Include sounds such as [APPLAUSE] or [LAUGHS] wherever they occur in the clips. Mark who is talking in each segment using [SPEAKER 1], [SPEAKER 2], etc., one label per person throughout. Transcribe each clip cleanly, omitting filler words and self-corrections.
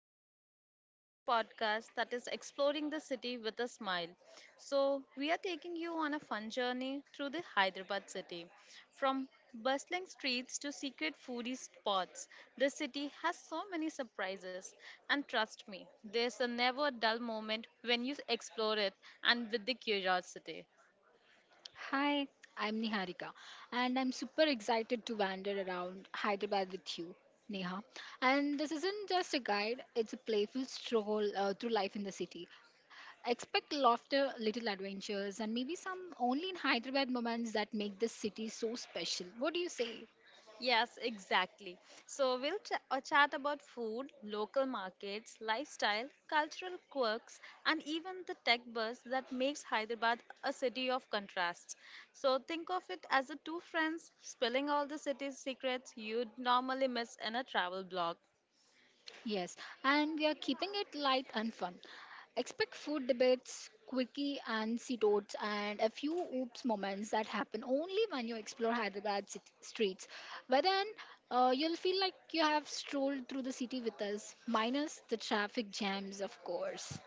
[SPEAKER 1] Neha and welcome to our podcast that is Exploring the City with a Smile. So, we are taking you on a fun journey through the Hyderabad city. From bustling streets to secret foodie spots, the city has so many surprises. And trust me, there's a never dull moment when you explore it and with the curiosity.
[SPEAKER 2] Hi, I'm Niharika, and I'm super excited to wander around Hyderabad with you, Neha. And this isn't just a guide, it's a playful stroll through life in the city. Expect laughter, little adventures, and maybe some only in Hyderabad moments that make this city so special. What do you say?
[SPEAKER 1] Yes, exactly. So we'll chat about food, local markets, lifestyle, cultural quirks, and even the tech buzz that makes Hyderabad a city of contrasts. So think of it as a two friends spilling all the city's secrets you'd normally miss in a travel blog.
[SPEAKER 2] Yes, and we are keeping it light and fun. Expect food debates, quickie and sea toads, and a few oops moments that happen only when you explore streets. But then you'll feel like you have strolled through the city with us, minus the traffic jams, of course.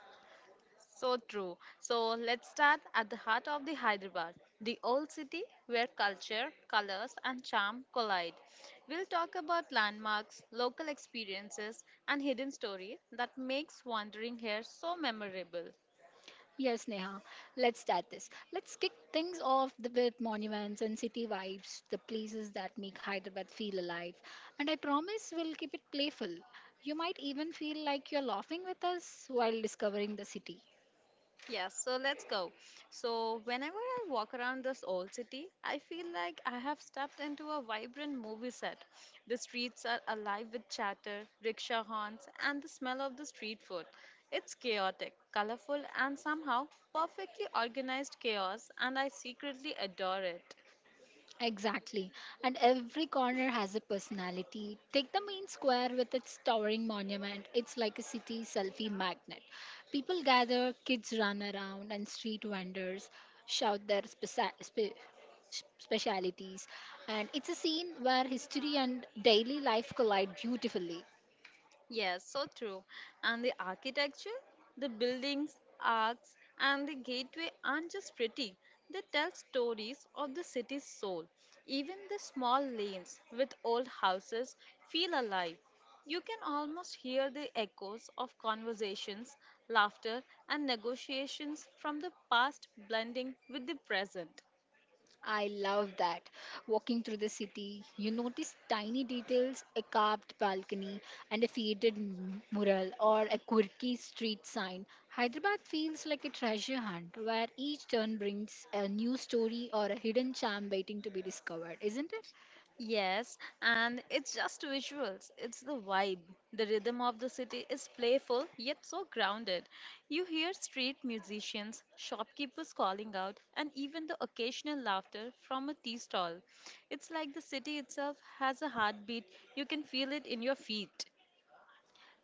[SPEAKER 1] So true. So let's start at the heart of the Hyderabad, the old city where culture, colors, and charm collide. We'll talk about landmarks, local experiences, and hidden story that makes wandering here so memorable.
[SPEAKER 2] Yes, Neha. Let's start this. Let's kick things off with monuments and city vibes, the places that make Hyderabad feel alive. And I promise we'll keep it playful. You might even feel like you're laughing with us while discovering the city.
[SPEAKER 1] Yes, so let's go. So, whenever I walk around this old city, I feel like I have stepped into a vibrant movie set. The streets are alive with chatter, rickshaw horns, and the smell of the street food. It's chaotic, colorful, and somehow perfectly organized chaos, and I secretly adore it.
[SPEAKER 2] Exactly. And every corner has a personality. Take the main square with its towering monument. It's like a city selfie magnet. People gather, kids run around, and street vendors shout their specialities. And it's a scene where history and daily life collide beautifully.
[SPEAKER 1] Yes, so true. And the architecture, the buildings, arcs, and the gateway aren't just pretty. They tell stories of the city's soul. Even the small lanes with old houses feel alive. You can almost hear the echoes of conversations, laughter, and negotiations from the past blending with the present.
[SPEAKER 2] I love that. Walking through the city, you notice tiny details, a carved balcony, and a faded mural or a quirky street sign. Hyderabad feels like a treasure hunt where each turn brings a new story or a hidden charm waiting to be discovered, isn't it?
[SPEAKER 1] Yes, and it's just visuals. It's the vibe. The rhythm of the city is playful yet so grounded. You hear street musicians, shopkeepers calling out, and even the occasional laughter from a tea stall. It's like the city itself has a heartbeat. You can feel it in your feet.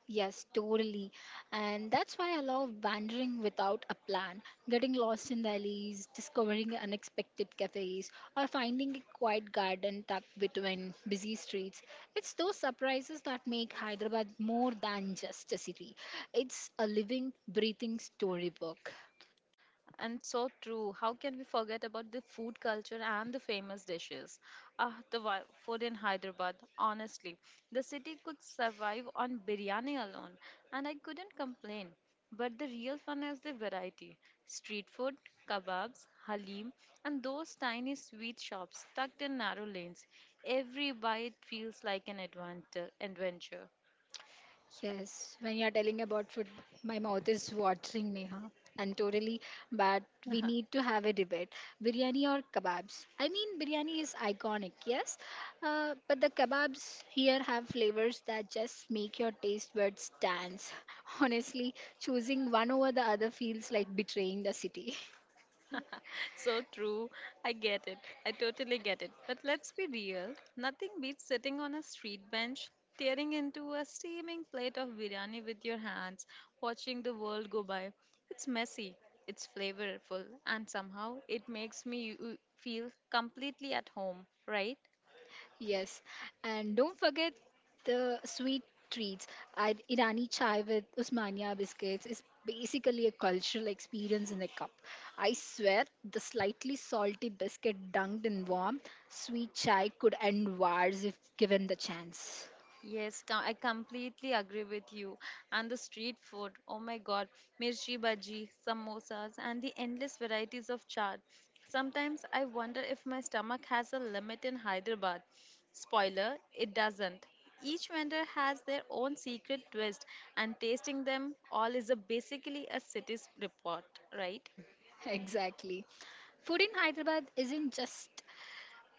[SPEAKER 2] Yes, totally. And that's why I love wandering without a plan, getting lost in the alleys, discovering unexpected cafes, or finding a quiet garden tucked between busy streets. It's those surprises that make Hyderabad more than just a city. It's a living, breathing storybook.
[SPEAKER 1] And so true. How can we forget about the food culture and the famous dishes? Ah, the food in Hyderabad. Honestly, the city could survive on biryani alone, and I couldn't complain. But the real fun is the variety: street food, kebabs, halim, and those tiny sweet shops tucked in narrow lanes. Every bite feels like an adventure.
[SPEAKER 2] Yes, when you're telling about food, my mouth is watering, Neha. And totally, but we need
[SPEAKER 1] [LAUGHS]
[SPEAKER 2] to have a debate. Biryani or kebabs? I mean, biryani is iconic, yes, but the kebabs here have flavors that just make your taste buds dance. [LAUGHS] Honestly, choosing one over the other feels like betraying the city. [LAUGHS]
[SPEAKER 1] So true. I get it. I totally get it. But let's be real. Nothing beats sitting on a street bench, tearing into a steaming plate of biryani with your hands, watching the world go by. It's messy, it's flavorful, and somehow it makes me feel completely at home, right?
[SPEAKER 2] Yes, and don't forget the sweet treats. Irani chai with Usmania biscuits is basically a cultural experience in a cup. I swear, the slightly salty biscuit dunked in warm sweet chai could end wars if given the chance. [LAUGHS]
[SPEAKER 1] Yes, I completely agree with you. And the street food, oh my God, mirchi bhaji, samosas, and the endless varieties of chaat. Sometimes I wonder if my stomach has a limit in Hyderabad. Spoiler, it doesn't. Each vendor has their own secret twist, and tasting them all is a basically a city's report, right?
[SPEAKER 2] Exactly. Food in Hyderabad isn't just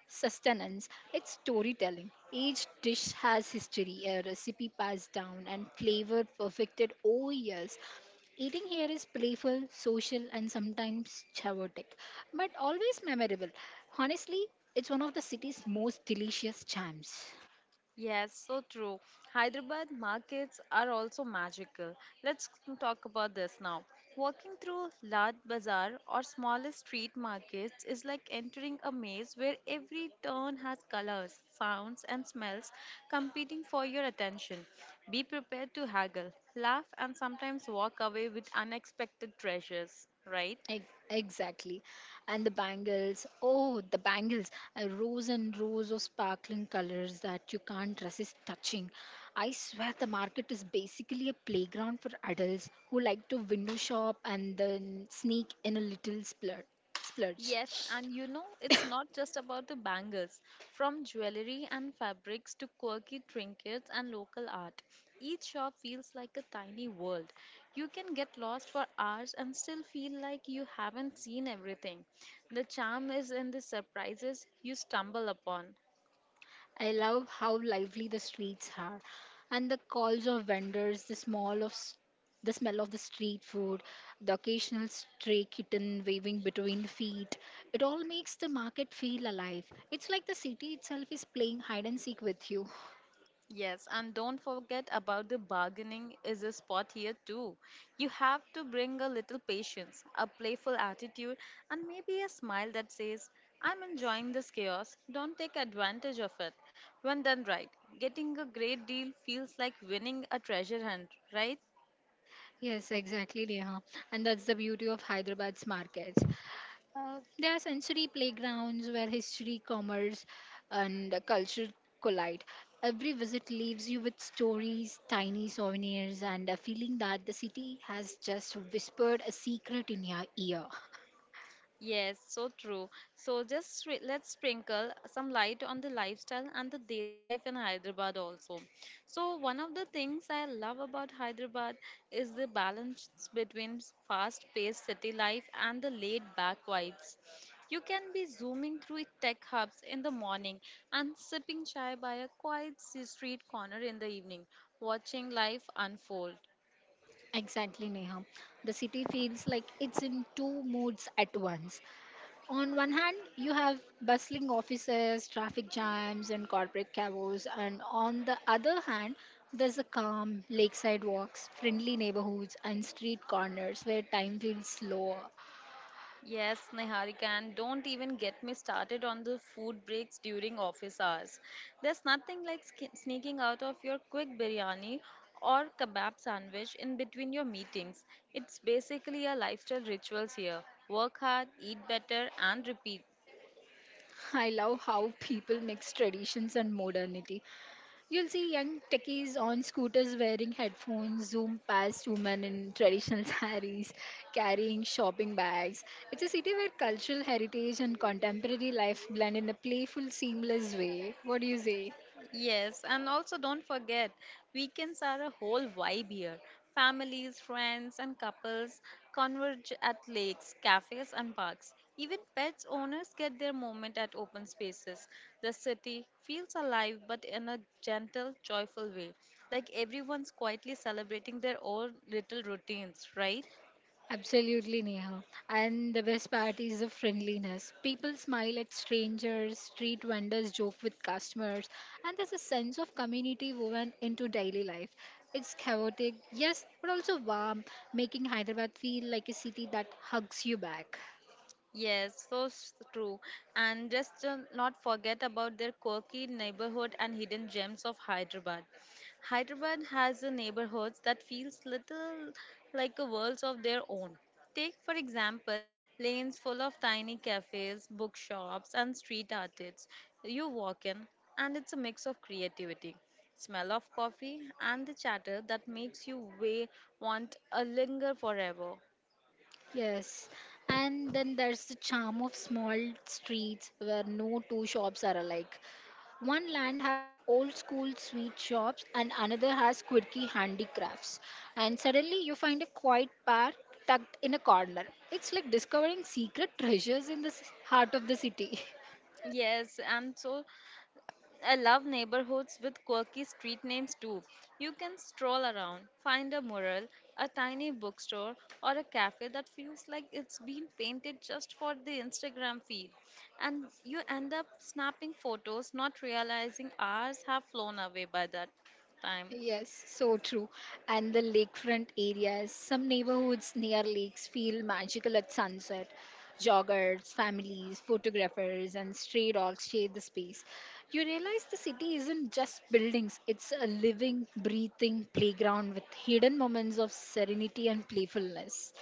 [SPEAKER 2] sustenance, it's storytelling. Each dish has history, a recipe passed down, and flavor perfected over years. Eating here is playful, social, and sometimes chaotic, but always memorable. Honestly, it's one of the city's most delicious charms.
[SPEAKER 1] Yes, so true. Hyderabad markets are also magical. Let's talk about this now. Walking through Lad Bazaar or smaller street markets is like entering a maze where every turn has colors, sounds, and smells competing for your attention. Be prepared to haggle, laugh, and sometimes walk away with unexpected treasures, right?
[SPEAKER 2] Exactly. And the bangles. Oh, the bangles. Rows and rows of sparkling colors that you can't resist touching. I swear the market is basically a playground for adults who like to window shop and then sneak in a little splurge.
[SPEAKER 1] Yes, and you know, it's not just about the bangles. From jewelry and fabrics to quirky trinkets and local art, each shop feels like a tiny world. You can get lost for hours and still feel like you haven't seen everything. The charm is in the surprises you stumble upon.
[SPEAKER 2] I love how lively the streets are and the calls of vendors, the smell of the street food, the occasional stray kitten waving between feet. It all makes the market feel alive. It's like the city itself is playing hide and seek with you.
[SPEAKER 1] Yes, and don't forget about the bargaining is a spot here too. You have to bring a little patience, a playful attitude, and maybe a smile that says, I'm enjoying this chaos, don't take advantage of it. When done right, getting a great deal feels like winning a treasure hunt, right?
[SPEAKER 2] Yes, exactly, Neha. And that's the beauty of Hyderabad's markets. There are sensory playgrounds where history, commerce, and culture collide. Every visit leaves you with stories, tiny souvenirs, and a feeling that the city has just whispered a secret in your ear. [LAUGHS]
[SPEAKER 1] Yes, so true. So just let's sprinkle some light on the lifestyle and the daily life in Hyderabad also. So one of the things I love about Hyderabad is the balance between fast-paced city life and the laid-back vibes. You can be zooming through tech hubs in the morning and sipping chai by a quiet street corner in the evening, watching life unfold.
[SPEAKER 2] Exactly, Neha. The city feels like it's in two moods at once. On one hand, you have bustling offices, traffic jams, and corporate chaos, and on the other hand, there's a calm lakeside walks, friendly neighborhoods, and street corners where time feels slower.
[SPEAKER 1] Yes, Niharika, and don't even get me started on the food breaks during office hours. There's nothing like sneaking out of your quick biryani or kebab sandwich in between your meetings. It's basically a lifestyle rituals here. Work hard, eat better, and repeat.
[SPEAKER 2] I love how people mix traditions and modernity. You'll see young techies on scooters wearing headphones, zoom past women in traditional [LAUGHS] saris, carrying shopping bags. It's a city where cultural heritage and contemporary life blend in a playful, seamless way. What do you say?
[SPEAKER 1] Yes, and also don't forget, weekends are a whole vibe here. Families, friends, and couples converge at lakes, cafes, and parks. Even pets owners get their moment at open spaces. The city feels alive but in a gentle, joyful way, like everyone's quietly celebrating their own little routines, right?
[SPEAKER 2] Absolutely, Neha. And the best part is the friendliness. People smile at strangers, street vendors joke with customers, and there's a sense of community woven into daily life. It's chaotic, yes, but also warm, making Hyderabad feel like a city that hugs you back.
[SPEAKER 1] Yes, so true. And just not forget about their quirky neighborhood and hidden gems of Hyderabad. Hyderabad has a neighborhoods that feels little like a worlds of their own. Take for example lanes full of tiny cafes, bookshops and street artists. You walk in and it's a mix of creativity, smell of coffee and the chatter that makes you way want a linger forever.
[SPEAKER 2] Yes, and then there's the charm of small streets where no two shops are alike. One land has old school sweet shops, and another has quirky handicrafts. And suddenly you find a quiet park tucked in a corner. It's like discovering secret treasures in the heart of the city. [LAUGHS]
[SPEAKER 1] Yes, and so I love neighborhoods with quirky street names too. You can stroll around, find a mural, a tiny bookstore, or a cafe that feels like it's been painted just for the Instagram feed. And you end up snapping photos, not realizing hours have flown away by that time.
[SPEAKER 2] Yes, so true. And the lakefront areas, some neighborhoods near lakes feel magical at sunset. Joggers, families, photographers, and stray dogs share the space. You realize the city isn't just buildings, it's a living, breathing playground with hidden moments of serenity and playfulness.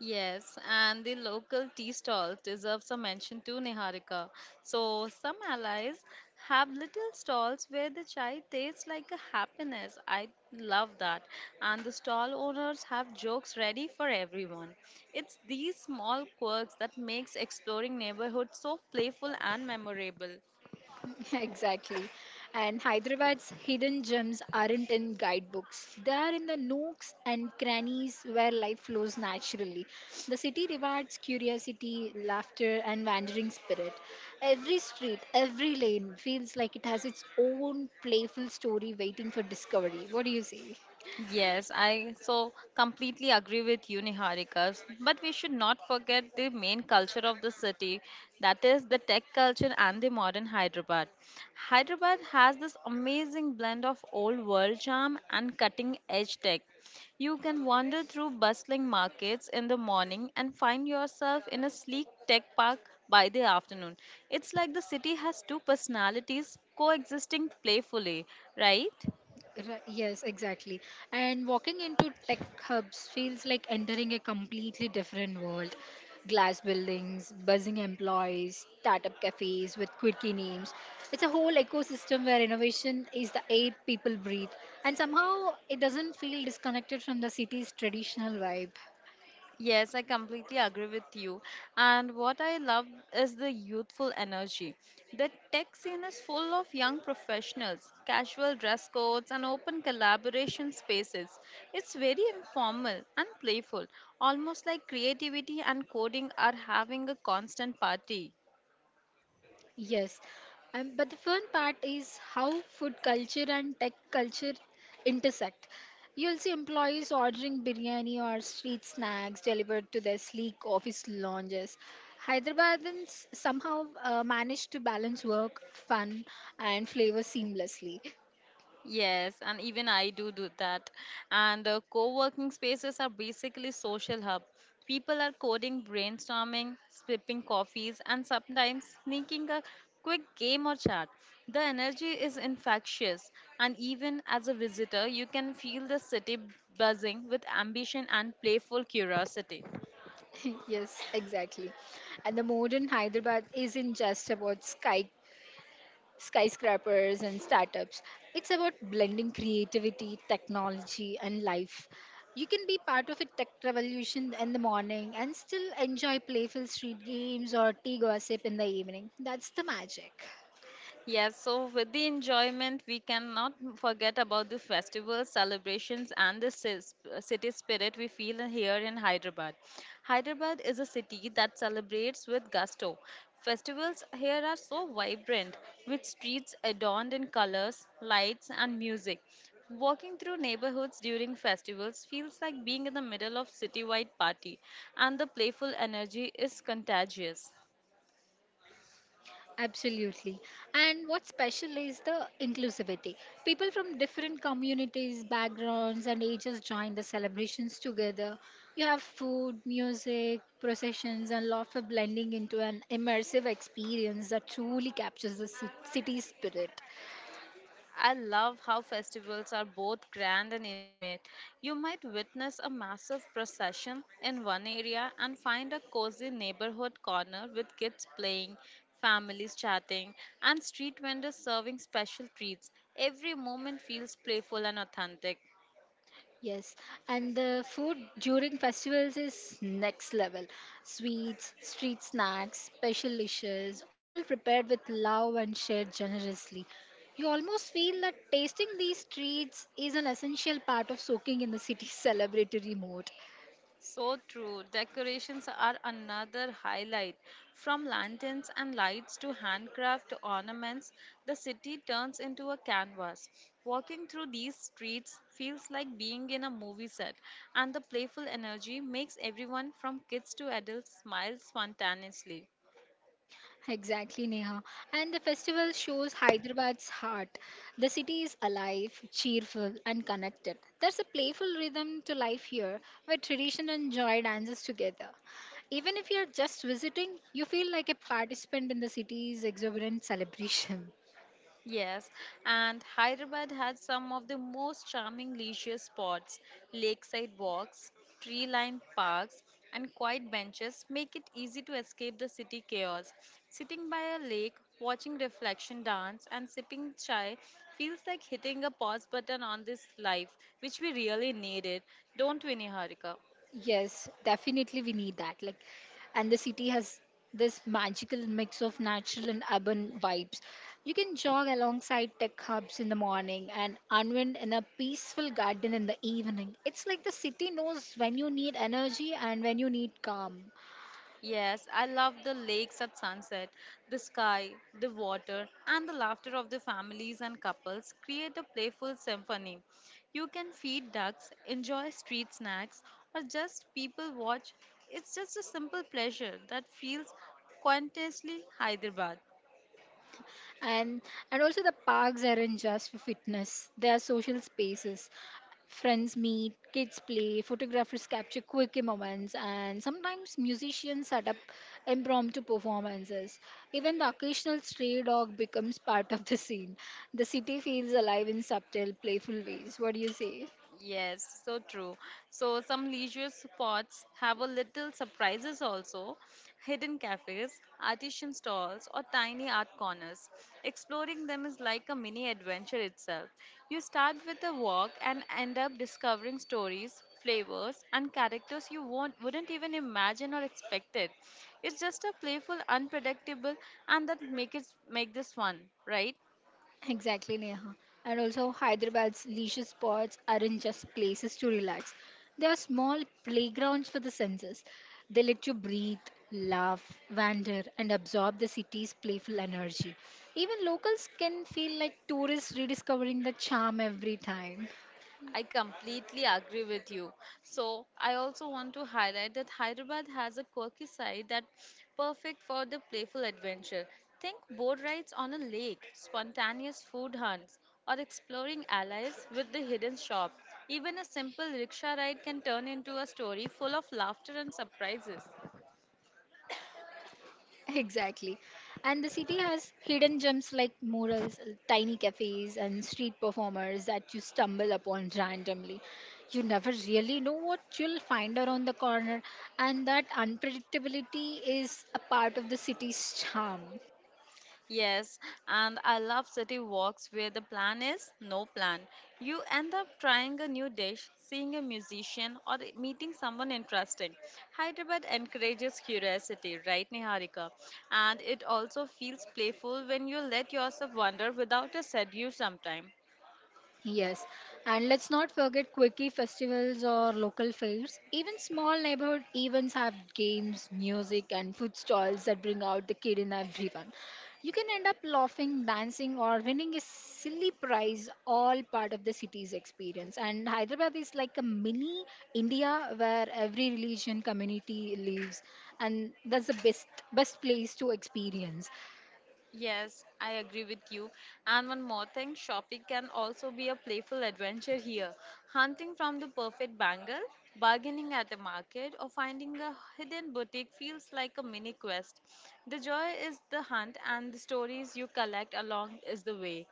[SPEAKER 1] Yes, and the local tea stall deserves a mention too, Niharika. So, some allies have little stalls where the chai tastes like a happiness. I love that. And the stall owners have jokes ready for everyone. It's these small quirks that makes exploring neighborhood so playful and memorable.
[SPEAKER 2] [LAUGHS] Exactly. And Hyderabad's hidden gems aren't in guidebooks. They are in the nooks and crannies where life flows naturally. The city rewards curiosity, laughter, and wandering spirit. Every street, every lane feels like it has its own playful story waiting for discovery. What do you say?
[SPEAKER 1] Yes, I so completely agree with you, Niharika. But we should not forget the main culture of the city, that is the tech culture and the modern Hyderabad. Hyderabad has this amazing blend of old world charm and cutting edge tech. You can wander through bustling markets in the morning and find yourself in a sleek tech park by the afternoon. It's like the city has two personalities coexisting playfully, right?
[SPEAKER 2] Right, yes, exactly. And walking into tech hubs feels like entering a completely different world. Glass buildings, buzzing employees, startup cafes with quirky names. It's a whole ecosystem where innovation is the air people breathe. And somehow it doesn't feel disconnected from the city's traditional vibe.
[SPEAKER 1] Yes, I completely agree with you. And what I love is the youthful energy. The tech scene is full of young professionals, casual dress codes, and open collaboration spaces. It's very informal and playful, almost like creativity and coding are having a constant party.
[SPEAKER 2] Yes, but the fun part is how food culture and tech culture intersect. You'll see employees ordering biryani or street snacks delivered to their sleek office lounges. Hyderabadans somehow manage to balance work, fun, and flavor seamlessly.
[SPEAKER 1] Yes, and even I do that. And co-working spaces are basically social hub. People are coding, brainstorming, sipping coffees, and sometimes sneaking a quick game or chat. The energy is infectious, and even as a visitor, you can feel the city buzzing with ambition and playful curiosity.
[SPEAKER 2] [LAUGHS] Yes, exactly. And the modern Hyderabad isn't just about skyscrapers and startups. It's about blending creativity, technology, and life. You can be part of a tech revolution in the morning and still enjoy playful street games or tea gossip in the evening. That's the magic.
[SPEAKER 1] Yes, so with the enjoyment, we cannot forget about the festivals, celebrations, and the city spirit we feel here in Hyderabad. Hyderabad is a city that celebrates with gusto. Festivals here are so vibrant, with streets adorned in colors, lights, and music. Walking through neighborhoods during festivals feels like being in the middle of citywide party, and the playful energy is contagious.
[SPEAKER 2] Absolutely. And what's special is the inclusivity. People from different communities, backgrounds, and ages join the celebrations together. You have food, music, processions, and laughter blending into an immersive experience that truly captures the city's spirit.
[SPEAKER 1] I love how festivals are both grand and intimate. You might witness a massive procession in one area and find a cozy neighborhood corner with kids playing, families chatting, and street vendors serving special treats. Every moment feels playful and authentic.
[SPEAKER 2] Yes, and the food during festivals is next level. Sweets, street snacks, special dishes, all prepared with love and shared generously. You almost feel that tasting these treats is an essential part of soaking in the city's [LAUGHS] celebratory mood.
[SPEAKER 1] So true. Decorations are another highlight. From lanterns and lights to handcraft ornaments, the city turns into a canvas. Walking through these streets feels like being in a movie set, and the playful energy makes everyone from kids to adults smile spontaneously.
[SPEAKER 2] Exactly, Neha. And the festival shows Hyderabad's heart. The city is alive, cheerful, and connected. There's a playful rhythm to life here where tradition and joy dances together. Even if you're just visiting, you feel like a participant in the city's exuberant celebration.
[SPEAKER 1] Yes, and Hyderabad has some of the most charming leisure spots. Lakeside walks, tree lined parks, and quiet benches make it easy to escape the city chaos. Sitting by a lake, watching reflection dance, and sipping chai feels like hitting a pause button on this life, which we really needed, don't we, Niharika?
[SPEAKER 2] Yes, definitely we need that. Like, and the city has this magical mix of natural and urban vibes. You can jog alongside tech hubs in the morning and unwind in a peaceful garden in the evening. It's like the city knows when you need energy and when you need calm.
[SPEAKER 1] Yes, I love the lakes at sunset. The sky, the water, and the laughter of the families and couples create a playful symphony. You can feed ducks, enjoy street snacks, or just people watch. It's just a simple pleasure that feels quintessentially Hyderabad.
[SPEAKER 2] And and also the parks aren't just for fitness. They are social spaces. Friends meet, kids play, photographers capture quirky moments, and sometimes musicians set up impromptu performances. Even the occasional stray dog becomes part of the scene. The city feels alive in subtle, playful ways. What do you say?
[SPEAKER 1] Yes, so true. So some leisure spots have a little surprises also, hidden cafes, artisan stalls, or tiny art corners. Exploring them is like a mini adventure itself. You start with a walk and end up discovering stories, flavors, and characters you won't wouldn't even imagine or expect it. It's just a playful, unpredictable, and that make this fun, right?
[SPEAKER 2] Exactly, Neha. And also, Hyderabad's leisure spots aren't just places to relax, they are small playgrounds for the senses. They let you breathe, laugh, wander, and absorb the city's playful energy. Even locals can feel like tourists rediscovering the charm every time.
[SPEAKER 1] I completely agree with you. So, I also want to highlight that Hyderabad has a quirky side that perfect for the playful adventure. Think boat rides on a lake, spontaneous food hunts, or exploring allies with the hidden shop. Even a simple rickshaw ride can turn into a story full of laughter and surprises.
[SPEAKER 2] Exactly. And the city has hidden gems like murals, tiny cafes, and street performers that you stumble upon randomly. You never really know what you'll find around the corner, and that unpredictability is a part of the city's charm.
[SPEAKER 1] Yes, and I love city walks where the plan is no plan. You end up trying a new dish, seeing a musician, or meeting someone interesting. Hyderabad encourages curiosity, right, Niharika? And it also feels playful when you let yourself wander without a schedule sometime.
[SPEAKER 2] Yes, and let's not forget quickie festivals or local fairs. Even small neighborhood events have games, music, and food stalls that bring out the kid in everyone. You can end up laughing, dancing, or winning a silly prize, all part of the city's experience. And Hyderabad is like a mini India where every religion community lives, and that's the best place to experience.
[SPEAKER 1] Yes, I agree with you. And one more thing, shopping can also be a playful adventure here. Hunting from the perfect bangle, bargaining at a market, or finding a hidden boutique feels like a mini quest. The joy is the hunt, and the stories you collect along is the way.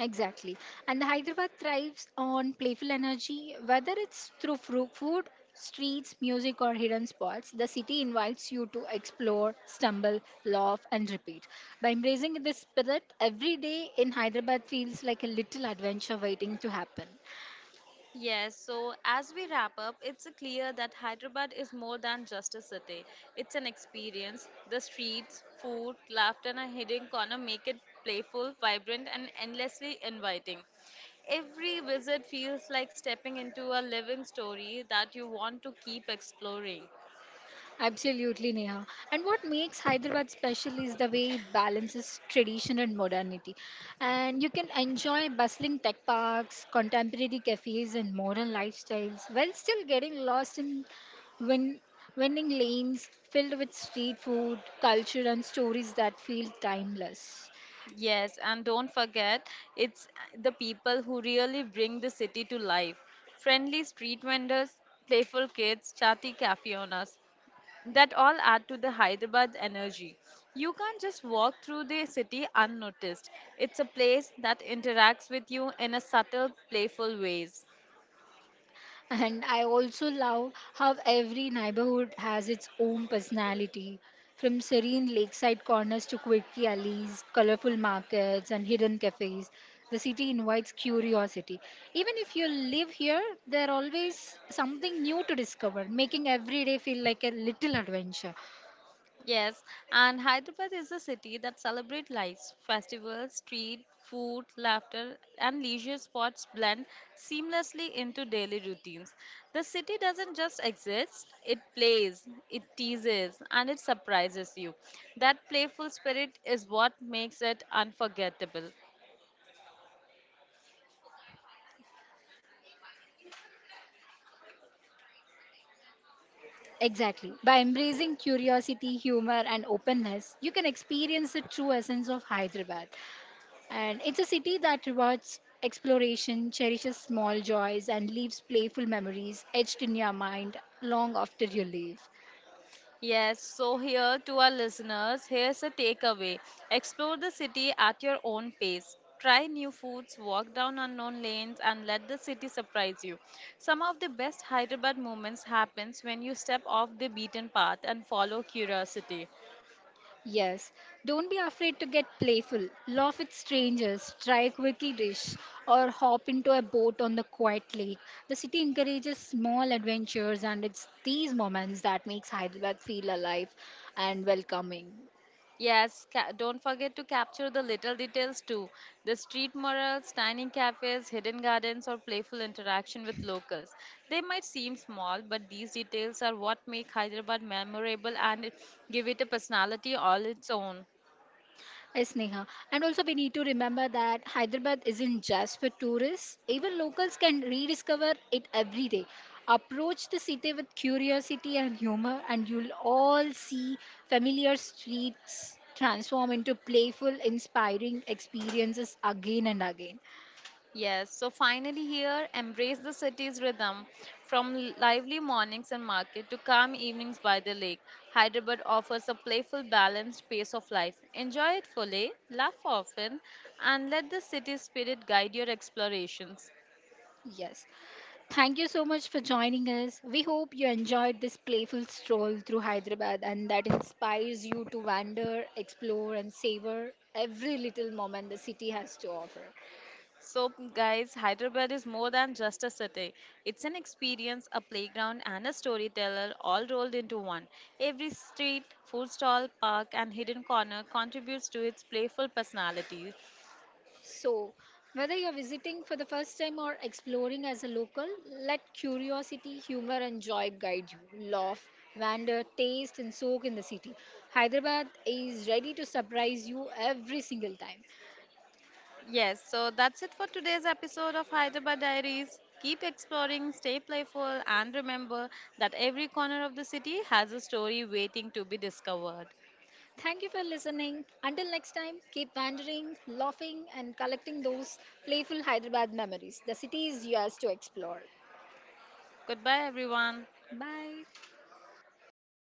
[SPEAKER 2] Exactly. And the Hyderabad thrives on playful energy, whether it's through food, streets, music, or hidden spots. The city invites you to explore, stumble, laugh, and repeat. By embracing this spirit, every day in Hyderabad feels like a little adventure waiting to happen.
[SPEAKER 1] Yes, so as we wrap up, it's clear that Hyderabad is more than just a city. It's an experience. The streets, food, laughter, and a hidden corner make it playful, vibrant, and endlessly inviting. Every visit feels like stepping into a living story that you want to keep exploring.
[SPEAKER 2] Absolutely, Neha. And what makes Hyderabad special is the way it balances tradition and modernity. And you can enjoy bustling tech parks, contemporary cafes, and modern lifestyles while still getting lost in win- winning lanes filled with street food, culture, and stories that feel timeless.
[SPEAKER 1] Yes, and don't forget, it's the people who really bring the city to life. Friendly street vendors, playful kids, chatty cafe owners. That all add to the Hyderabad's energy. You can't just walk through the city unnoticed. It's a place that interacts with you in a subtle, playful ways.
[SPEAKER 2] And I also love how every neighborhood has its own personality. From serene lakeside corners to quirky alleys, colorful markets, and hidden cafes, the city invites curiosity. Even if you live here, there's always something new to discover, making every day feel like a little adventure.
[SPEAKER 1] Yes, and Hyderabad is a city that celebrates lights, festivals, street, food, laughter, and leisure spots blend seamlessly into daily routines. The city doesn't just exist, it plays, it teases, and it surprises you. That playful spirit is what makes it unforgettable.
[SPEAKER 2] Exactly. By embracing curiosity, humor, and openness, you can experience the true essence of Hyderabad. And it's a city that rewards exploration, cherishes small joys, and leaves playful memories etched in your mind long after you leave.
[SPEAKER 1] Yes, so here to our listeners, here's a takeaway. Explore the city at your own pace. Try new foods, walk down unknown lanes, and let the city surprise you. Some of the best Hyderabad moments happens when you step off the beaten path and follow curiosity.
[SPEAKER 2] Yes, don't be afraid to get playful. Laugh with strangers, try a quirky dish, or hop into a boat on the quiet lake. The city encourages small adventures, and it's these moments that makes Hyderabad feel alive and welcoming.
[SPEAKER 1] Yes, don't forget to capture the little details too. The street murals, tiny cafes, hidden gardens, or playful interaction with locals. They might seem small, but these details are what make Hyderabad memorable and give it a personality all its own.
[SPEAKER 2] Yes, Neha. And also, we need to remember that Hyderabad isn't just for tourists. Even locals can rediscover it every day. Approach the city with curiosity and humor, and you'll all see familiar streets transform into playful, inspiring experiences again and again.
[SPEAKER 1] Yes, so finally here, embrace the city's rhythm. From lively mornings and market to calm evenings by the lake, Hyderabad offers a playful, balanced pace of life. Enjoy it fully, laugh often, and let the city spirit guide your explorations.
[SPEAKER 2] Yes. Thank you so much for joining us. We hope you enjoyed this playful stroll through Hyderabad and that inspires you to wander, explore, and savor every little moment the city has to offer.
[SPEAKER 1] So, guys, Hyderabad is more than just a city. It's an experience, a playground, and a storyteller all rolled into one. Every street, food stall, park, and hidden corner contributes to its playful personality.
[SPEAKER 2] So, whether you're visiting for the first time or exploring as a local, let curiosity, humor, and joy guide you. Laugh, wander, taste, and soak in the city. Hyderabad is ready to surprise you every single time.
[SPEAKER 1] Yes, so that's it for today's episode of Hyderabad Diaries. Keep exploring, stay playful, and remember that every corner of the city has a story waiting to be discovered.
[SPEAKER 2] Thank you for listening. Until next time, keep wandering, laughing, and collecting those playful Hyderabad memories. The city is yours to explore.
[SPEAKER 1] Goodbye, everyone.
[SPEAKER 2] Bye.